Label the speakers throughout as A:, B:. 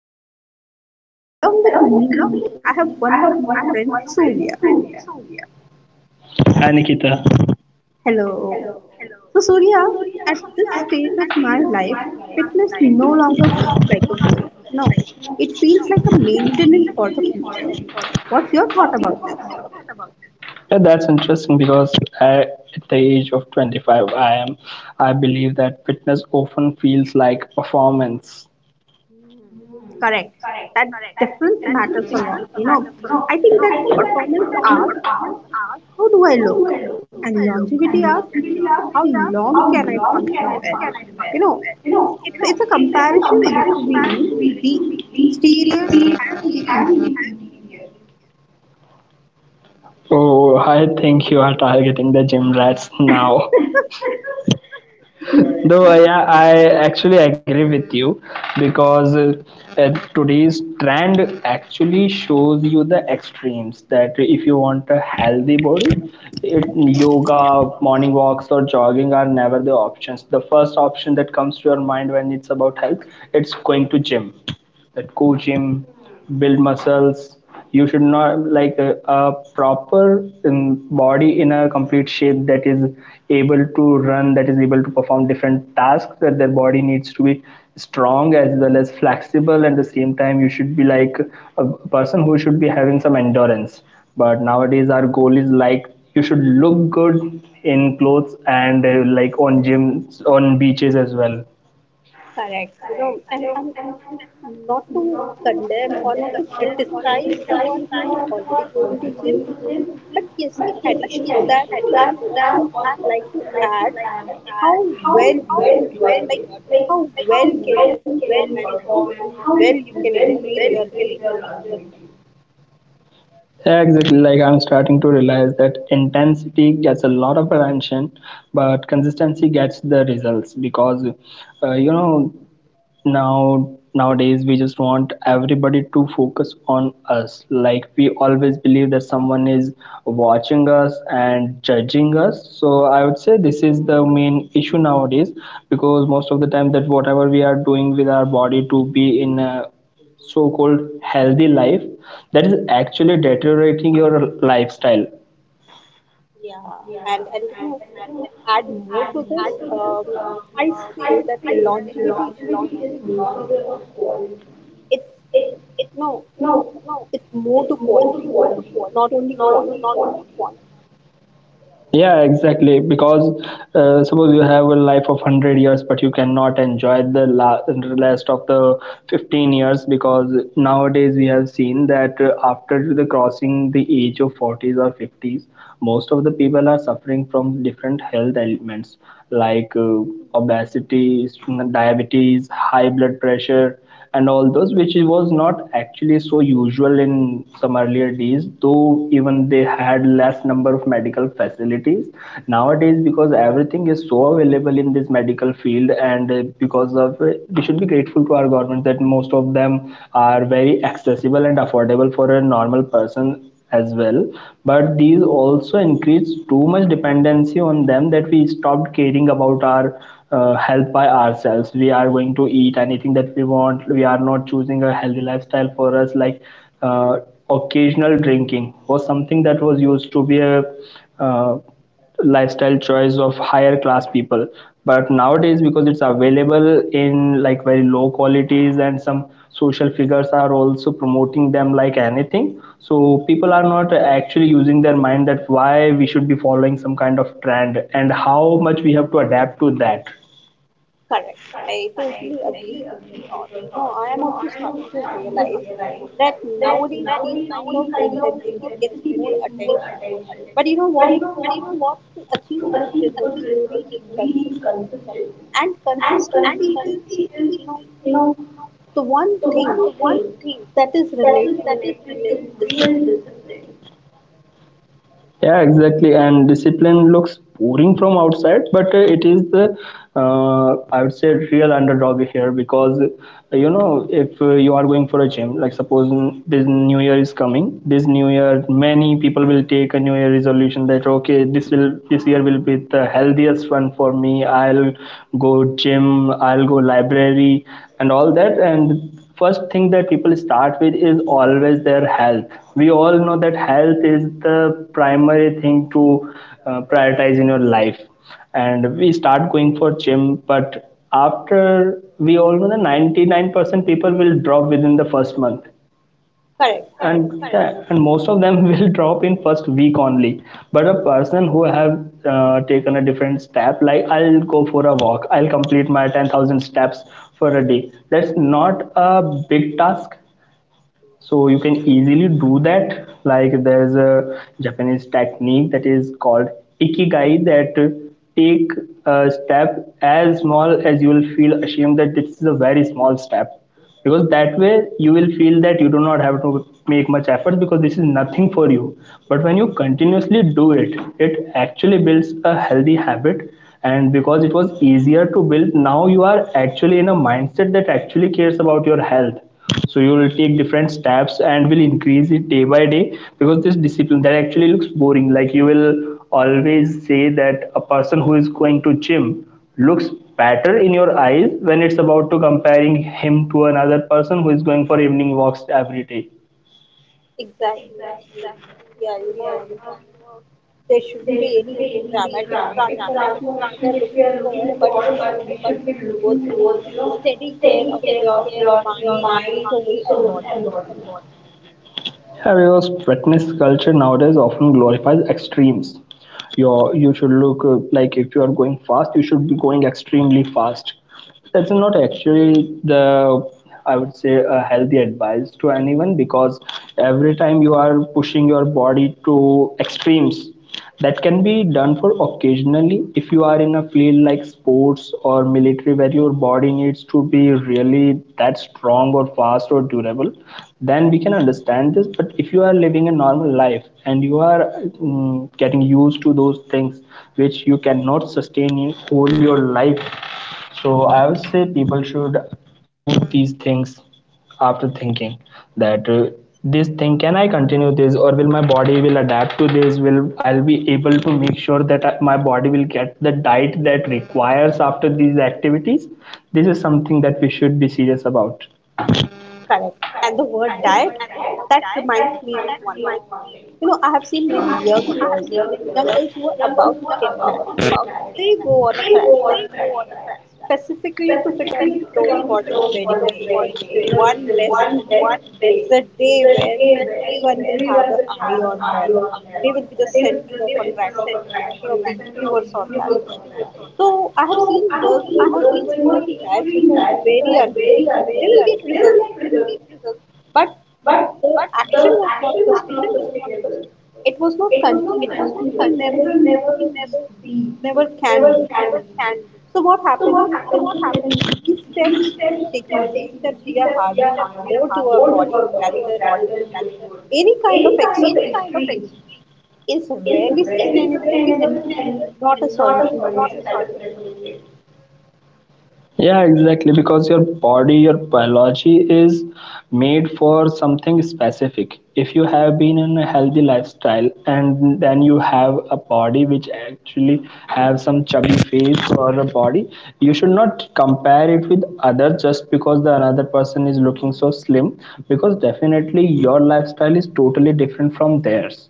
A: longevity. Along with me, I have one of my friends, Surya.
B: Hi Nikita.
A: Hello. So, Surya, at this stage of my life, fitness no longer feels like a goal. No, it feels like a maintenance for the future. What's your thought about this?
B: Yeah, that's interesting because I, at the age of 25, I am. I believe that fitness often feels like performance.
A: Correct. That difference matters a lot. You know, I think that performance hours how do I look? And longevity asks, how long can I function well? You know, it's a comparison between the exterior and the interior.
B: Oh, I think you are targeting the gym rats now. Though I actually agree with you because today's trend actually shows you the extremes that if you want a healthy body, it, yoga, morning walks, or jogging are never the options. The first option that comes to your mind when it's about health, it's going to gym, that go gym, build muscles you should not like a proper body in a complete shape that is able to run, that is able to perform different tasks, that their body needs to be strong as well as flexible, and at the same time you should be like a person who should be having some endurance. But nowadays our goal is like you should look good in clothes and like on gyms, on beaches as well.
A: Correct, you know, and not to condemn or not to criticize the one who are already going to gym, but yes, in addition to that, I'm also like to add how well you are doing, like how well can you perform and how well you can increase your longevity.
B: Exactly, like I'm starting to realize that intensity gets a lot of attention, but consistency gets the results because uh, you know now nowadays we just want everybody to focus on us. Like we always believe that someone is watching us and judging us. So I would say this is the main issue nowadays, because most of the time that whatever we are doing with our body to be in a so-called healthy life, that is actually deteriorating your lifestyle.
A: Yeah, and you know, to add more to this, I say that longevity is not only about quality. It's no, it's more to quality, not only quantity.
B: Yeah exactly, because suppose you have a life of 100 years but you cannot enjoy the last of the 15 years, because nowadays we have seen that after the crossing the age of 40s or 50s most of the people are suffering from different health ailments like obesity, diabetes, high blood pressure, and all those, which was not actually so usual in some earlier days, though even they had less number of medical facilities. Nowadays, because everything is so available in this medical field, and because of we should be grateful to our government that most of them are very accessible and affordable for a normal person as well. But these also increased too much dependency on them that we stopped caring about our health by ourselves. We are going to eat anything that we want, we are not choosing a healthy lifestyle for us. Like, uh, occasional drinking was something that was used to be a uh, lifestyle choice of higher class people, but nowadays because it's available in like very low qualities and some social figures are also promoting them like anything, so people are not actually using their mind that why we should be following some kind of trend and how much we have to adapt to that.
A: Correct. I totally agree with your thoughts. You know, I am also starting to realize that nowadays these kind of intensity gets more attention. But you know what? To achieve good results, we need consistency. And consistency is, you know, the one thing that is related to real discipline.
B: Yeah exactly, and discipline looks boring from outside but it is the, I would say, real underdog here. Because you know, if you are going for a gym, like suppose this new year is coming, this new year many people will take a new year resolution that okay, this will, this year will be the healthiest one for me, I'll go gym, I'll go library and all that. And first thing that people start with is always their health. We all know that health is the primary thing to prioritize in your life, and we start going for gym. But after, we all know that 99% people will drop within the first month.
A: Correct.
B: And yeah, and most of them will drop in first week only. But a person who have taken a different step, like I'll go for a walk, I'll complete my 10,000 steps for a day, that's not a big task. So you can easily do that. Like, there's a Japanese technique that is called ikigai, that take a step as small as you will feel ashamed that this is a very small step, because that way you will feel that you do not have to make much effort because this is nothing for you. But when you continuously do it, it actually builds a healthy habit. And because it was easier to build, now you are actually in a mindset that actually cares about your health, so you will take different steps and will increase it day by day. Because this discipline that actually looks boring, like you will always say that a person who is going to gym looks better in your eyes when it's about to comparing him to another person who is going for evening walks every day.
A: Exactly. Yeah, you know, there shouldn't be any dramatic transformation which we are looking for, but we should be looking towards, you know, steady care of your mind, soul, and body.
B: Yeah, because fitness culture nowadays often glorifies extremes. Your you should look like if you are going fast, you should be going extremely fast. That's not actually the, I would say, a healthy advice to anyone. Because every time you are pushing your body to extremes, that can be done for occasionally if you are in a field like sports or military where your body needs to be really that strong or fast or durable, then we can understand this. But if you are living a normal life and you are getting used to those things which you cannot sustain in whole your life, so I would say people should choose these things after thinking that, this thing, can I continue this, or will my body will adapt to this, will I'll be able to make sure that my body will get the diet that requires after these activities. This is something that we should be serious about.
A: Correct. And the word diet, that reminds me of one thing. You know, I have seen many young girls who are about to get married, they go on a crash diet, specifically to put on the clothes for their wedding day. You know, it's the one best day. It's a day where everyone will have an eye on them. They will be the center of attraction, center of the universe on that day. So I have seen girls going on extreme diets which are very unhealthy. They will get results, but the action was not sustainable. It was not continuous, and it will never be. It never can be. So what happens is in these steps, while taking these steps, we are harming more to our body rather than doing good. Any kind of extreme is rarely sustainable and not a solution that is recommended.
B: Yeah, exactly. Because your body, your biology is made for something specific. If you have been in a healthy lifestyle and then you have a body which actually have some chubby face or a body, you should not compare it with other just because the another person is looking so slim. Because definitely your lifestyle is totally different from theirs.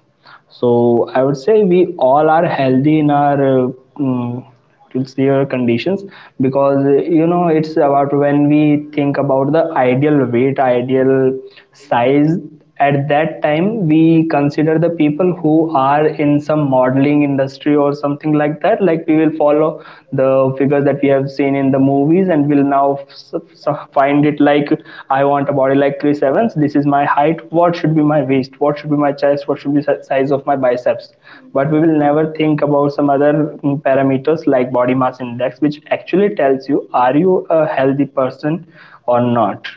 B: So I would say we all are healthy in our it's their conditions. Because you know, it's about when we think about the ideal weight, ideal size, at that time we consider the people who are in some modeling industry or something like that. Like, we will follow the figures that we have seen in the movies and will so find it like, I want a body like Chris Evans, this is my height, what should be my waist, what should be my chest, what should be the size of my biceps. But we will never think about some other parameters like body mass index, which actually tells you are you a healthy person or not.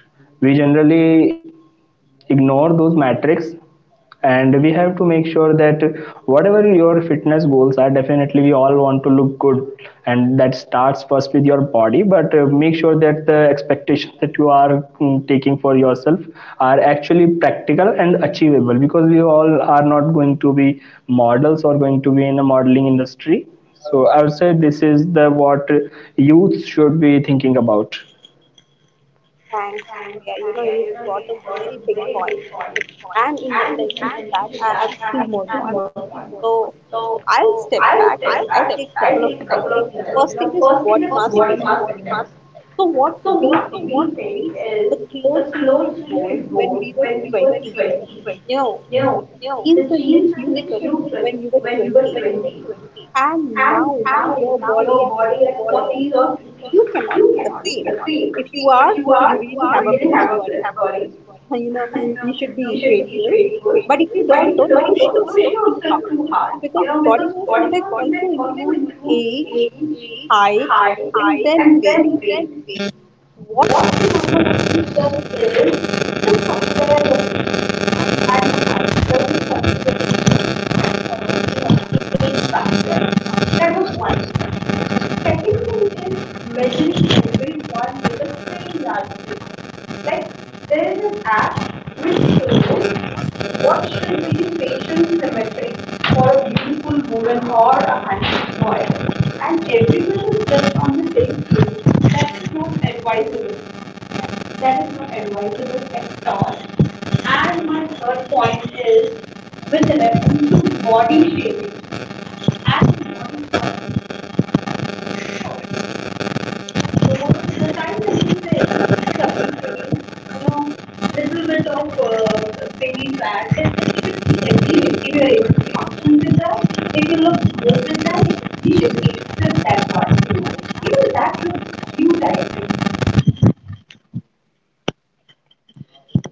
B: We generally ignore those metrics, and we have to make sure that whatever your fitness goals are, definitely we all want to look good, and that starts first with your body. But make sure that the expectations that you are taking for yourself are actually practical and achievable, because we all are not going to be models or going to be in a modeling industry. So I would say this is the what youth should be thinking about.
A: Thanks, Surya. You know, you brought a very big point. And in addition to that, I have two more points. So I'll step back. I take couple of minutes. You know, first thing is body mass index. So what we think is the clothes which we wore when we were 20, you know, the jeans in which you fit when you were 20, and now with your body at 40s or 50s, you cannot be the same. If you are, you really have a blessed body. You know, you should be grateful. But if you don't push yourself too hard, you know, because body mass index also includes age, height, and then weight. What?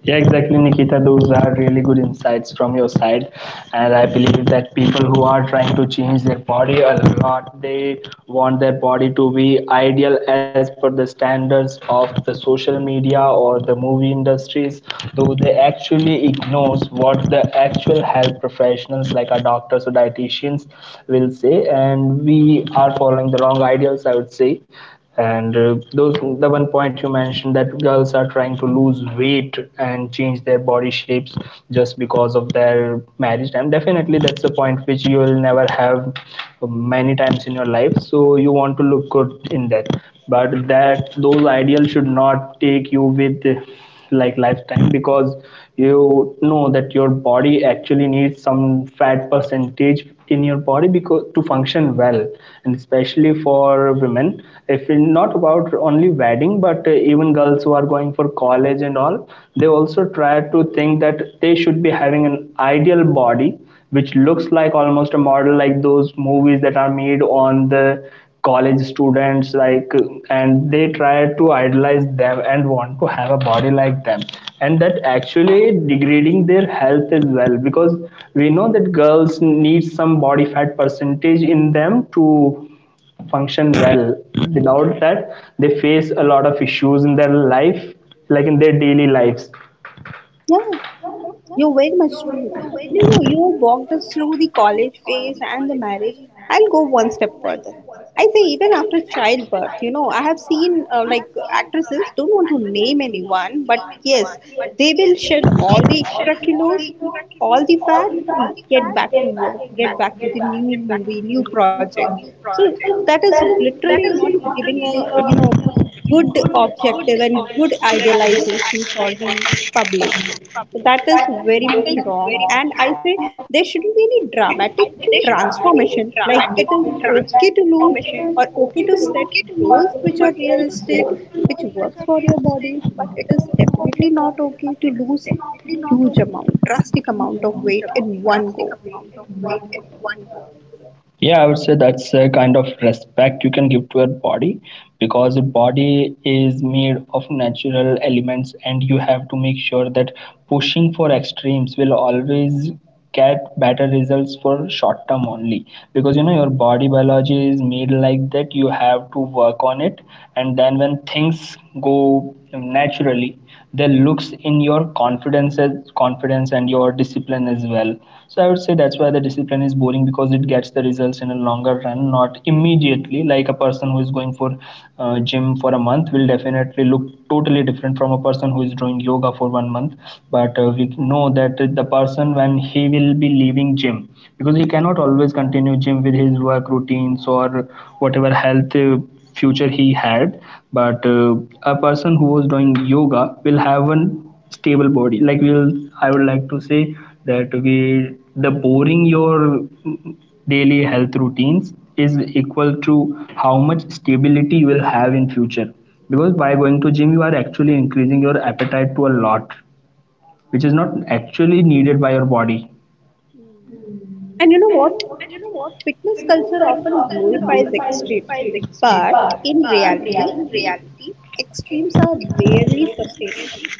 B: Yeah, exactly, Nikita. Those are really good insights from your side. And I believe that people who are trying to change their body a lot, they want their body to be ideal as per the standards of the social media or the movie industries, though they actually ignores what the actual health professionals like our doctors or dietitians will say. And we are following the wrong ideals, I would say. And those, the one point you mentioned that girls are trying to lose weight and change their body shapes just because of their marriage time, definitely that's a point which you will never have many times in your life, so you want to look good in that. But that, those ideals should not take you with like lifetime, because you know that your body actually needs some fat percentage in your body because to function well. And especially for women, if not about only wedding but even girls who are going for college and all, they also try to think that they should be having an ideal body which looks like almost a model, like those movies that are made on the college students like, and they try to idolize them and want to have a body like them. And that actually degrading their health as well, because we know that girls need some body fat percentage in them to function well. Without that, they face a lot of issues in their life, like in their daily lives.
A: Yeah. You're very much true. And you know, you have walked us through the college phase and the marriage. I'll go one step further. I say, even after childbirth, you know, I have seen like actresses, don't want to name anyone, but yes, they will shed all the extra kilos, all the fat, and get back to work, get back to the new movie, new project. So that is literally not giving a, you know, good objective and good idealization for the public. So, that is very much wrong. And I say there shouldn't be any dramatic transformation. Like it is okay to lose or okay to set goals which are realistic, which works for your body, but it is definitely not okay to lose huge amount, drastic amount of weight in one go.
B: Yeah, I would say that's a kind of respect you can give to your body. Because your body is made of natural elements, and you have to make sure that pushing for extremes will always get better results for short term only. Because you know your body biology is made like that, you have to work on it, and then when things go Naturally, that looks in your confidence and your discipline as well. So I would say that's why the discipline is boring, because it gets the results in a longer run, not immediately. Like a person who is going for gym for a month will definitely look totally different from a person who is doing yoga for 1 month. But we know that the person, when he will be leaving gym, because he cannot always continue gym with his work routines or whatever health future he had. But a person who was doing yoga will have an stable body. Like we'll I would like to say that we the boring your daily health routines is equal to how much stability you will have in future, because by going to gym you are actually increasing your appetite to a lot, which is not actually needed by your body.
A: And you know what? Fitness culture often glorifies extremes, but in reality, extremes are rarely sustainable.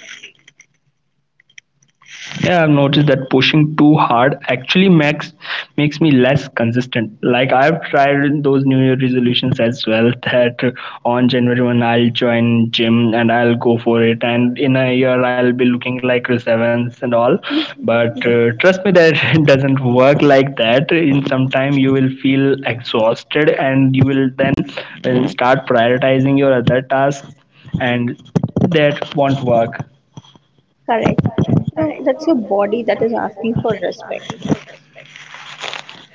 B: Yeah, I've noticed that pushing too hard actually makes me less consistent. Like, I've tried those New Year resolutions as well. That on January one I'll join gym and I'll go for it, and in a year I'll be looking like Chris and all. But trust me, that it doesn't work like that. In some time you will feel exhausted, and you will then start prioritizing your other tasks, and that won't work.
A: Correct. You know, that's your body that is asking for respect.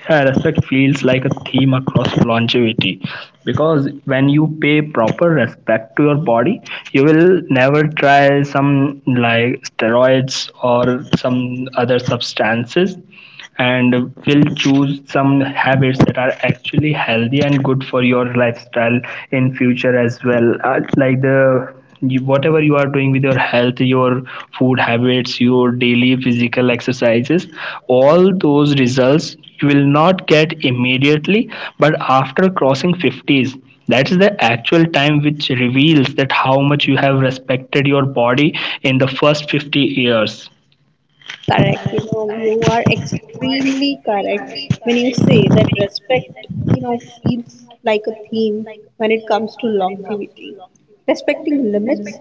B: Respect feels like a theme across longevity, because when you pay proper respect to your body, you will never try some like steroids or some other substances, and will choose some habits that are actually healthy and good for your lifestyle in future as well. Like the whatever you are doing with your health, your food habits, your daily physical exercises, all those results you will not get immediately, but after crossing 50s, that is the actual time which reveals that how much you have respected your body in the first 50 years.
A: Correct. You know, you are extremely correct when you say that respect, you know, feels like a theme when it comes to longevity. Respecting limits,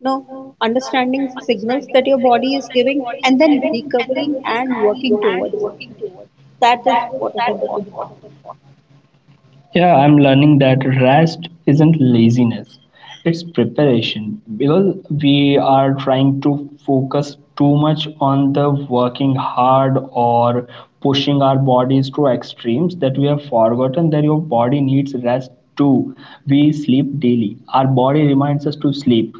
A: you know, understanding signals that your body is giving, and then recovering and working towards it. That is what is important.
B: Yeah, I'm learning that rest isn't laziness, it's preparation, because we are trying to focus too much on the working hard or pushing our bodies to extremes that we have forgotten that your body needs rest too. We sleep daily, our body reminds us to sleep.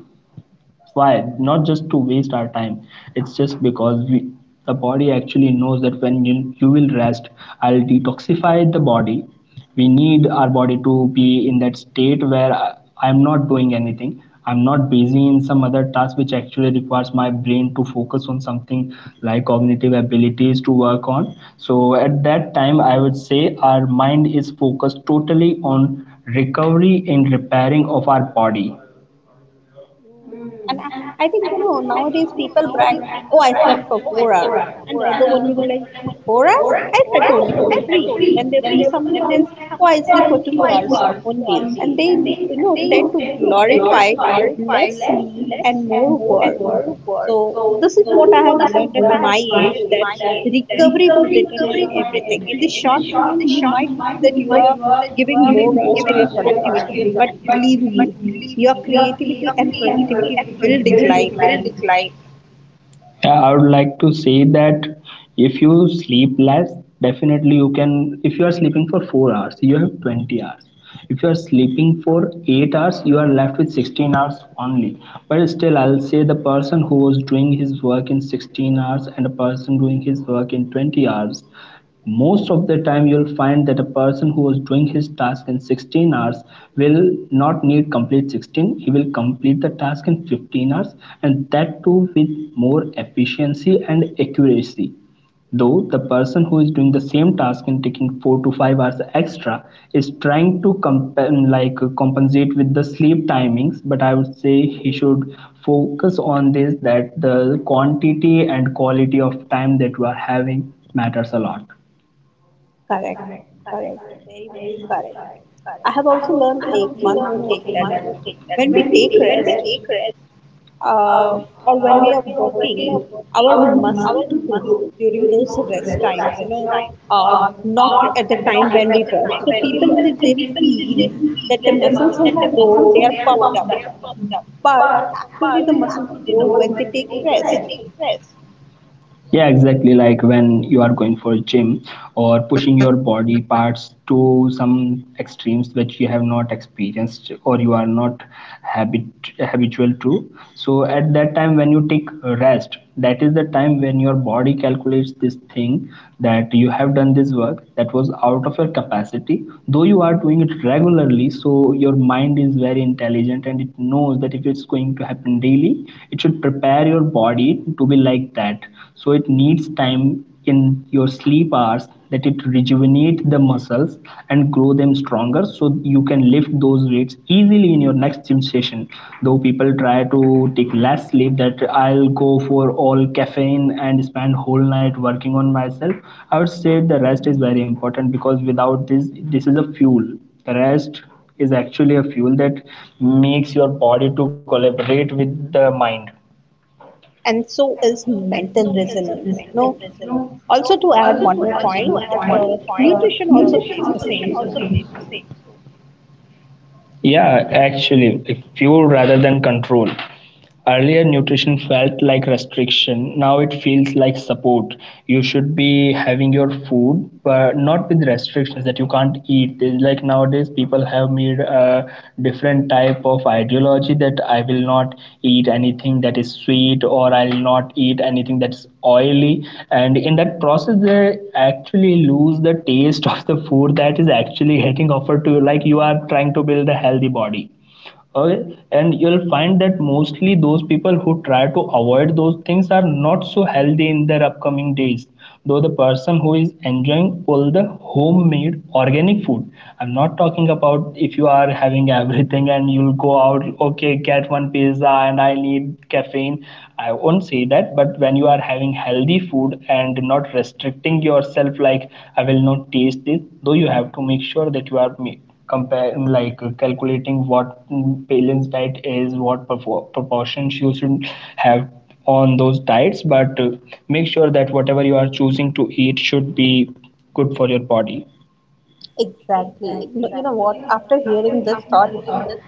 B: Why not just to waste our time? It's just because we the body actually knows that when you will rest, I'll detoxify the body. We need our body to be in that state where I'm not doing anything, I'm not busy in some other task which actually requires my brain to focus on something, like cognitive abilities to work on. So at that time I would say our mind is focused totally on recovery and repairing of our body.
A: And I think, you know, nowadays people brag, oh, I slept for 4 hours. And the other one will be like, 4 hours? I slept only for three. Then there will be someone else, oh, I sleep for 2 hours only. And they, you know, tend to glorify less sleep and more work. So this is what I have learned at my age that recovery will determine everything. In the short run, you might feel that you are giving more hours to your productivity, but believe me, your creativity and productivity will decline.
B: Yeah, I would like to say that if you sleep less, definitely you can. If you are sleeping for 4 hours, you have 20 hours. If you are sleeping for 8 hours, you are left with 16 hours only. But still, I'll say the person who was doing his work in 16 hours and a person doing his work in 20 hours, most of the time you'll find that a person who was doing his task in 16 hours will not need complete 16, he will complete the task in 15 hours, and that too with more efficiency and accuracy. Though the person who is doing the same task and taking 4 to 5 hours extra is trying to like compensate with the sleep timings, but I would say he should focus on this, that the quantity and quality of time that you are having matters a lot.
A: Correct, correct, very much correct. I have also learned a one more thing that when we take rest, uh, or when we are working, our muscles grow during those rest times, you know, uh, not at the time when we work. So people in the gym feel that the muscles have grown, they are puffed up, but actually the muscles grow when they take rest,
B: Yeah, exactly. Like when you are going for a gym or pushing your body parts to some extremes which you have not experienced or you are not habitual to. So at that time when you take a rest, that is the time when your body calculates this thing, that you have done this work that was out of your capacity. Though you are doing it regularly, so your mind is very intelligent and it knows that if it's going to happen daily, it should prepare your body it to be like that. So it needs time in your sleep hours, that it rejuvenate the muscles and grow them stronger, so you can lift those weights easily in your next gym session. Though people try to take less sleep, that I'll go for all caffeine and spend whole night working on myself. I would say the rest is very important, because without this, this is a fuel, the rest is actually a fuel that makes your body to collaborate with the mind.
A: and so is mental resilience. You know, also to add one more point, nutrition also plays the same role.
B: Yeah, actually, fuel rather than control. Earlier nutrition felt like restriction. Now it feels like support. You should be having your food, but not with restrictions that you can't eat. There's like nowadays, people have made a different type of ideology that I will not eat anything that is sweet, or I'll not eat anything that's oily. And in that process, they actually lose the taste of the food that is actually getting offered to you. Like, you are trying to build a healthy body, okay, and you'll find that mostly those people who try to avoid those things are not so healthy in their upcoming days. Though the person who is enjoying all the homemade organic food, I'm not talking about if you are having everything and you'll go out, okay, get one pizza and I need caffeine, I won't say that. But when you are having healthy food and not restricting yourself, like I will not taste this, though you have to make sure that you are compare like calculating what balance diet is, what proportions you should have on those diets. But make sure that whatever you are choosing to eat should be good for your body.
A: Exactly. You know what? After hearing this thought,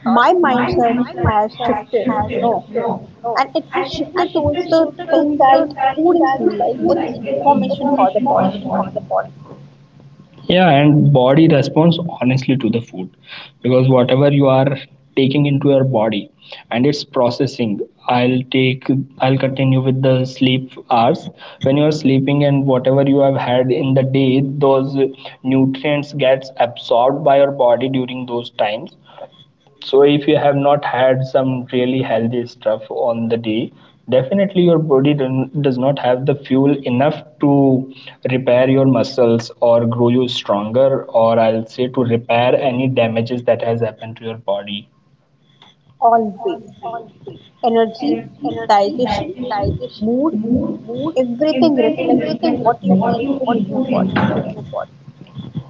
A: my mindset has shifted, you know, and it has shifted towards the thing that food is like an information for the body,
B: Yeah, and body responds honestly to the food, because whatever you are taking into your body and it's processing, i'll take I'll continue with the sleep hours. When you are sleeping, and whatever you have had in the day, those nutrients gets absorbed by your body during those times. So if you have not had some really healthy stuff on the day, definitely your body does not have the fuel enough to repair your muscles or grow you stronger, or I'll say to repair any damages that has happened to your body.
A: always. Energy, digestion, mood, everything reflects what you input in your body.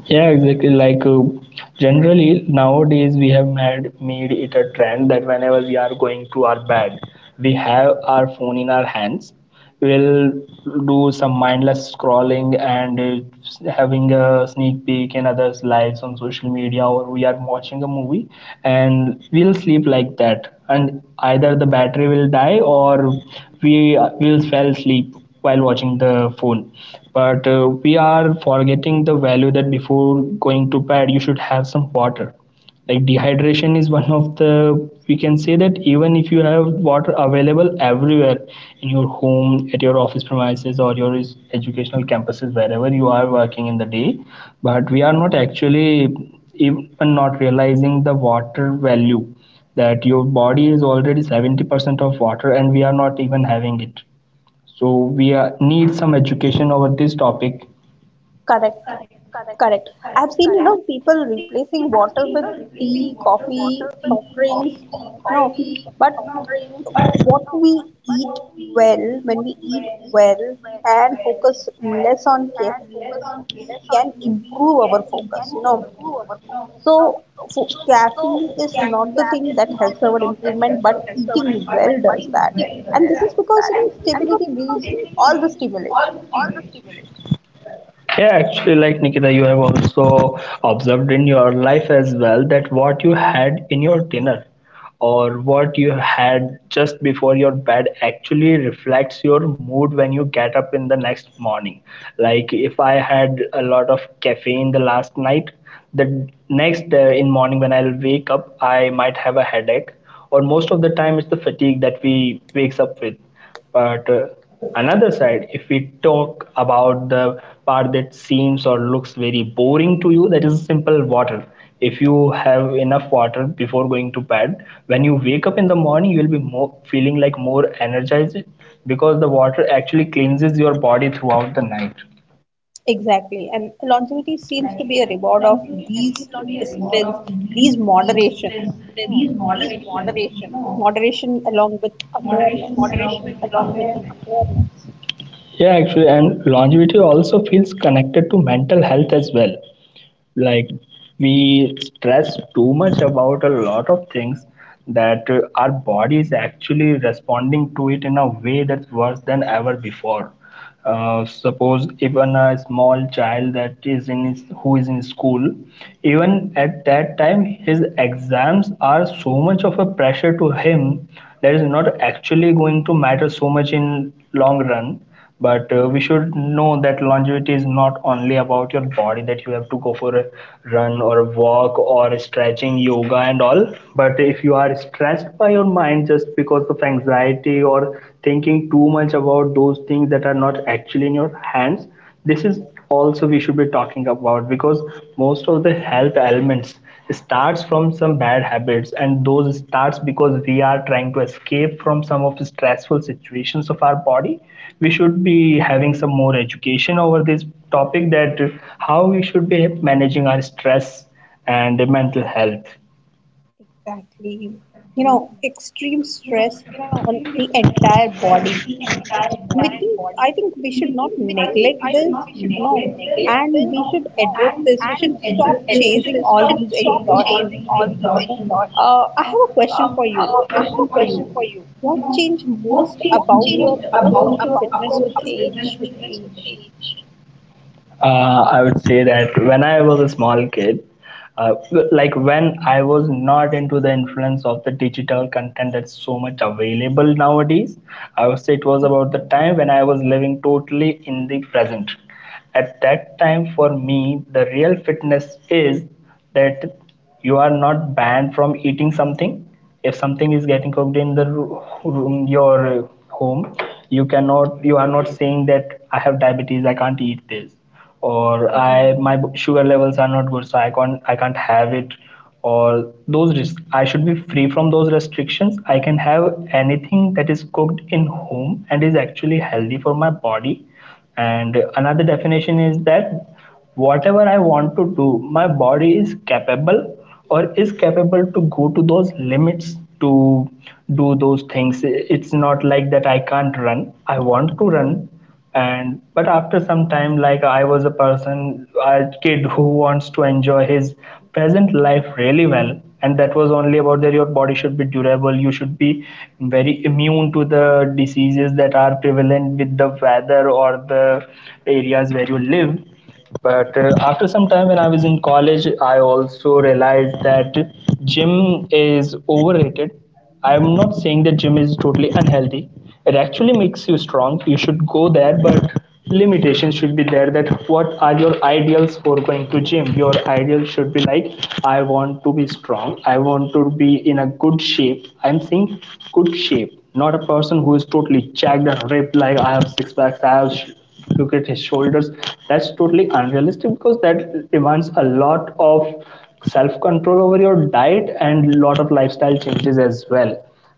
B: Yeah, exactly. Like generally nowadays we have made it a trend that whenever we are going to our bed, we have our phone in our hands. We'll do some mindless scrolling and having a sneak peek in others' lives on social media, or we are watching a movie, and we'll sleep like that. And either the battery will die or we will fall asleep while watching the phone. But we are forgetting the value, that before going to bed you should have some water. Like, dehydration is one of the we can say that even if you have water available everywhere, in your home, at your office premises, or your educational campuses, wherever you are working in the day, but we are not actually even not realizing the water value, that your body is already 70% of water and we are not even having it. So we need some education over this topic.
A: Correct. Correct. I've seen, you know, people replacing water with tea, coffee, soft drinks, no. But what we eat well, when we eat well and focus less on caffeine, we can improve our focus, you know. So, fo caffeine is not the thing that helps our improvement, but eating well does that. And this is because, you know, stability needs all the stimulation.
B: Yeah, actually, like Nikita, you have also observed in your life as well, that what you had in your dinner or what you had just before your bed actually reflects your mood when you get up in the next morning. Like, if I had a lot of caffeine the last night, the next day in morning when I'll wake up, I might have a headache, or most of the time, it's the fatigue that we wakes up with. But another side, if we talk about the part that seems or looks very boring to you, that is simple water. If you have enough water before going to bed, when you wake up in the morning, you will be more feeling like more energized, because the water actually cleanses your body throughout the night.
A: Exactly. And longevity seems to be a reward of these disciplines, these moderations, you know, moderation along with awareness.
B: Yeah, actually, and longevity also feels connected to mental health as well. Like, we stress too much about a lot of things that our body is actually responding to it in a way that's worse than ever before. Suppose even a small child that is who is in school, even at that time his exams are so much of a pressure to him that is not actually going to matter so much in long run. But we should know that longevity is not only about your body, that you have to go for a run or a walk or stretching yoga and all, but if you are stressed by your mind just because of anxiety or thinking too much about those things that are not actually in your hands, this is also we should be talking about, because most of the health elements starts from some bad habits, and those starts because we are trying to escape from some of the stressful situations of our body. We should be having some more education over this topic, that how we should be managing our stress and mental health.
A: Exactly. You know, extreme stress on the entire body. I think we should not neglect this, you know, and we should address this. We should stop chasing all these exhaustion, you know. I have a question for you. You know, what changed most about your approach to fitness with age?
B: I would say that when I was a small kid, uh, like when I was not into the influence of the digital content that's so much available nowadays, I would say it was about the time when I was living totally in the present. At that time, for me, the real fitness is that you are not banned from eating something. If something is getting cooked in the room, your home, you are not saying that I have diabetes, I can't eat this, or I my sugar levels are not good, so I can't have it, or those risks. I should be free from those restrictions. I can have anything that is cooked in home and is actually healthy for my body. And another definition is that whatever I want to do, my body is capable or is capable to go to those limits to do those things. It's not like that I can't run. I want to run. And But after some time, like, I was a person, a kid, who wants to enjoy his present life really well, and that was only about that your body should be durable, you should be very immune to the diseases that are prevalent with the weather or the areas where you live. But after some time, when I was in college, I also realized that gym is overrated. I'm not saying that gym is totally unhealthy. It actually makes you strong, you should go there, but limitations should be there, that what are your ideals for going to gym. Your ideal should be like, I want to be strong, I want to be in a good shape. I'm saying good shape, not a person who is totally jacked and ripped, like I have six packs, look at his shoulders. That's totally unrealistic, because that demands a lot of self control over your diet and a lot of lifestyle changes as well.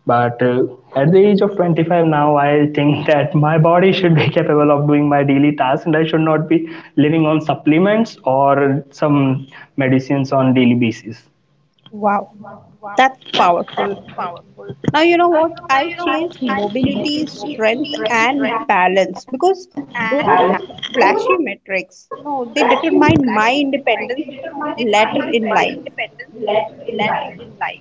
B: But at the age of 25 now, I think that my body should be capable of doing my daily tasks, and I should not be living on supplements or some medicines on daily basis.
A: Wow, that's powerful. Now, you know what? I changed mobility, strength, and balance because those are not flashy metrics. You know, they determine my independence later in life.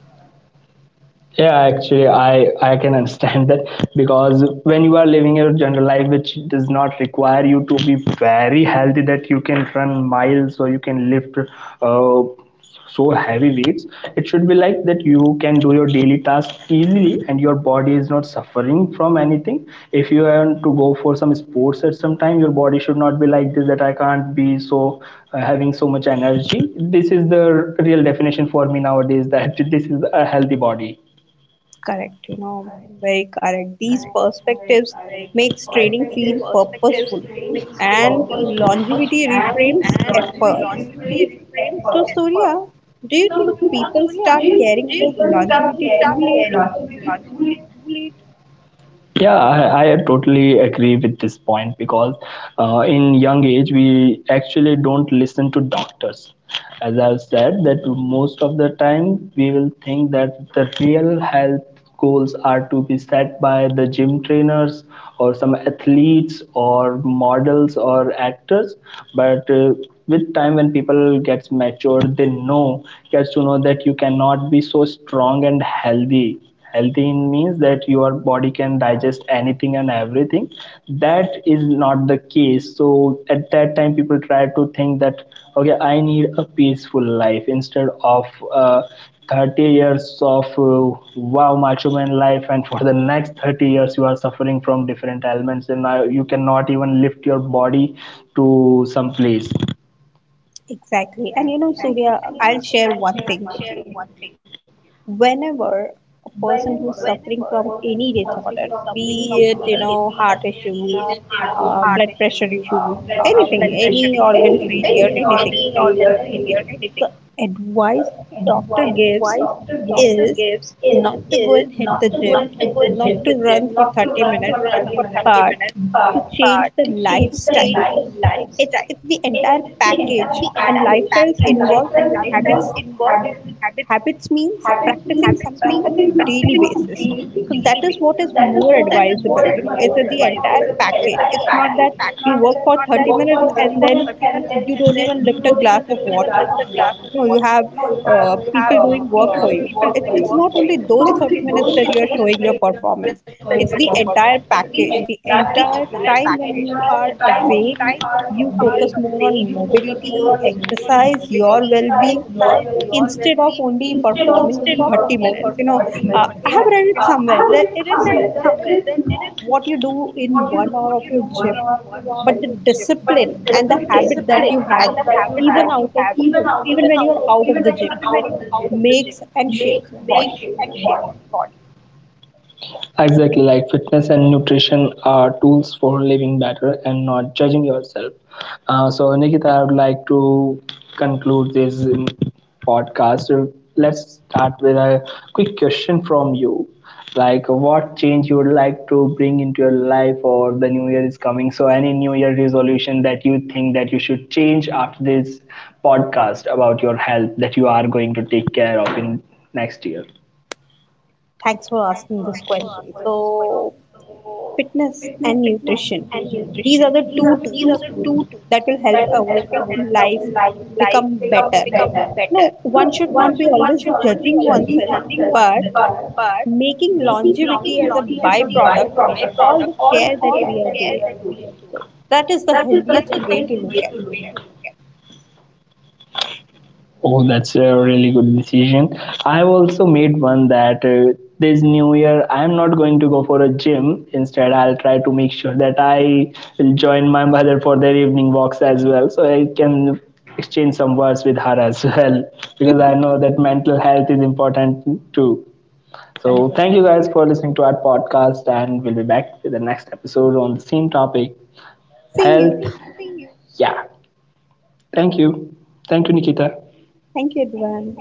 B: Yeah, actually, I can understand that, because when you are living your general life, which does not require you to be very healthy that you can run miles or you can lift uh, so heavy weights. It should be like that you can do your daily task easily and your body is not suffering from anything. If you want to go for some sports at some time, your body should not be like this that I can't be so having so much energy. This is the real definition for me nowadays that this is a healthy body.
A: Correct, you know, very correct. These perspectives makes training feel purposeful and longevity reframes efforts. So, Surya, do you think people start caring about longevity too late?
B: Yeah, I totally agree with this point, because in young age we actually don't listen to doctors. As I've said, that most of the time we will think that the real health goals are to be set by the gym trainers or some athletes or models or actors, but with time when people gets mature, they know gets to know that you cannot be so strong and healthy. Healthy in means that your body can digest anything and everything. That is not the case. So at that time people try to think that, okay, I need a peaceful life instead of uh, 30 years of wow macho man life, and for the next 30 years you are suffering from different ailments and now you cannot even lift your body to some place.
A: Exactly. And you know, Surya, I'll share one thing with you. Whenever a person who's suffering from any disorder, be it, you know, heart issues, blood pressure issues, anything, any organ failure, anything, the advice the doctor gives is not to go and hit the gym, not to run for 30 minutes, but to change the lifestyle. It's the entire package, and lifestyles involve habits. Habits means practicing something on daily basis. So that is what is more advisable. You know, it's a, the entire package. It's not that you work for 30 minutes and then you don't even lift a glass of water. No, you have people doing work for you. It's not only those 30 minutes that you are showing your performance. It's the entire package, the entire time when you are awake, you focus more on mobility, exercise, your well-being instead of only performing 30 minutes, you know. I have read it somewhere that it is not what you do in 1 hour of your gym, but the discipline and the habit that you have, even out of even when you're out of the gym, makes and shapes your body.
B: Exactly, like fitness and nutrition are tools for living better and not judging yourself. So, Nikita, I would like to conclude this podcast. Let's start with a quick question from you. Like, what change you would like to bring into your life, or the new year is coming? So, any new year resolution that you think that you should change after this podcast about your health that you are going to take care of in next year?
A: Thanks for asking this question. So fitness and nutrition, these are the two tools that will help our life become better. No, one should not be always judging oneself, but making longevity as a byproduct of all the care that we are doing. So that is the healthiest way to look at it.
B: Oh, that's a really good decision. I've also made one that this new year I'm not going to go for a gym. Instead, I'll try to make sure that I will join my mother for their evening walks as well, so I can exchange some words with her as well, because I know that mental health is important too. So, thank you guys for listening to our podcast, and we'll be back with the next episode on the same topic
A: See
B: health.
A: you.
B: Yeah, thank you. Thank you, Nikita.
A: Thank you, everyone.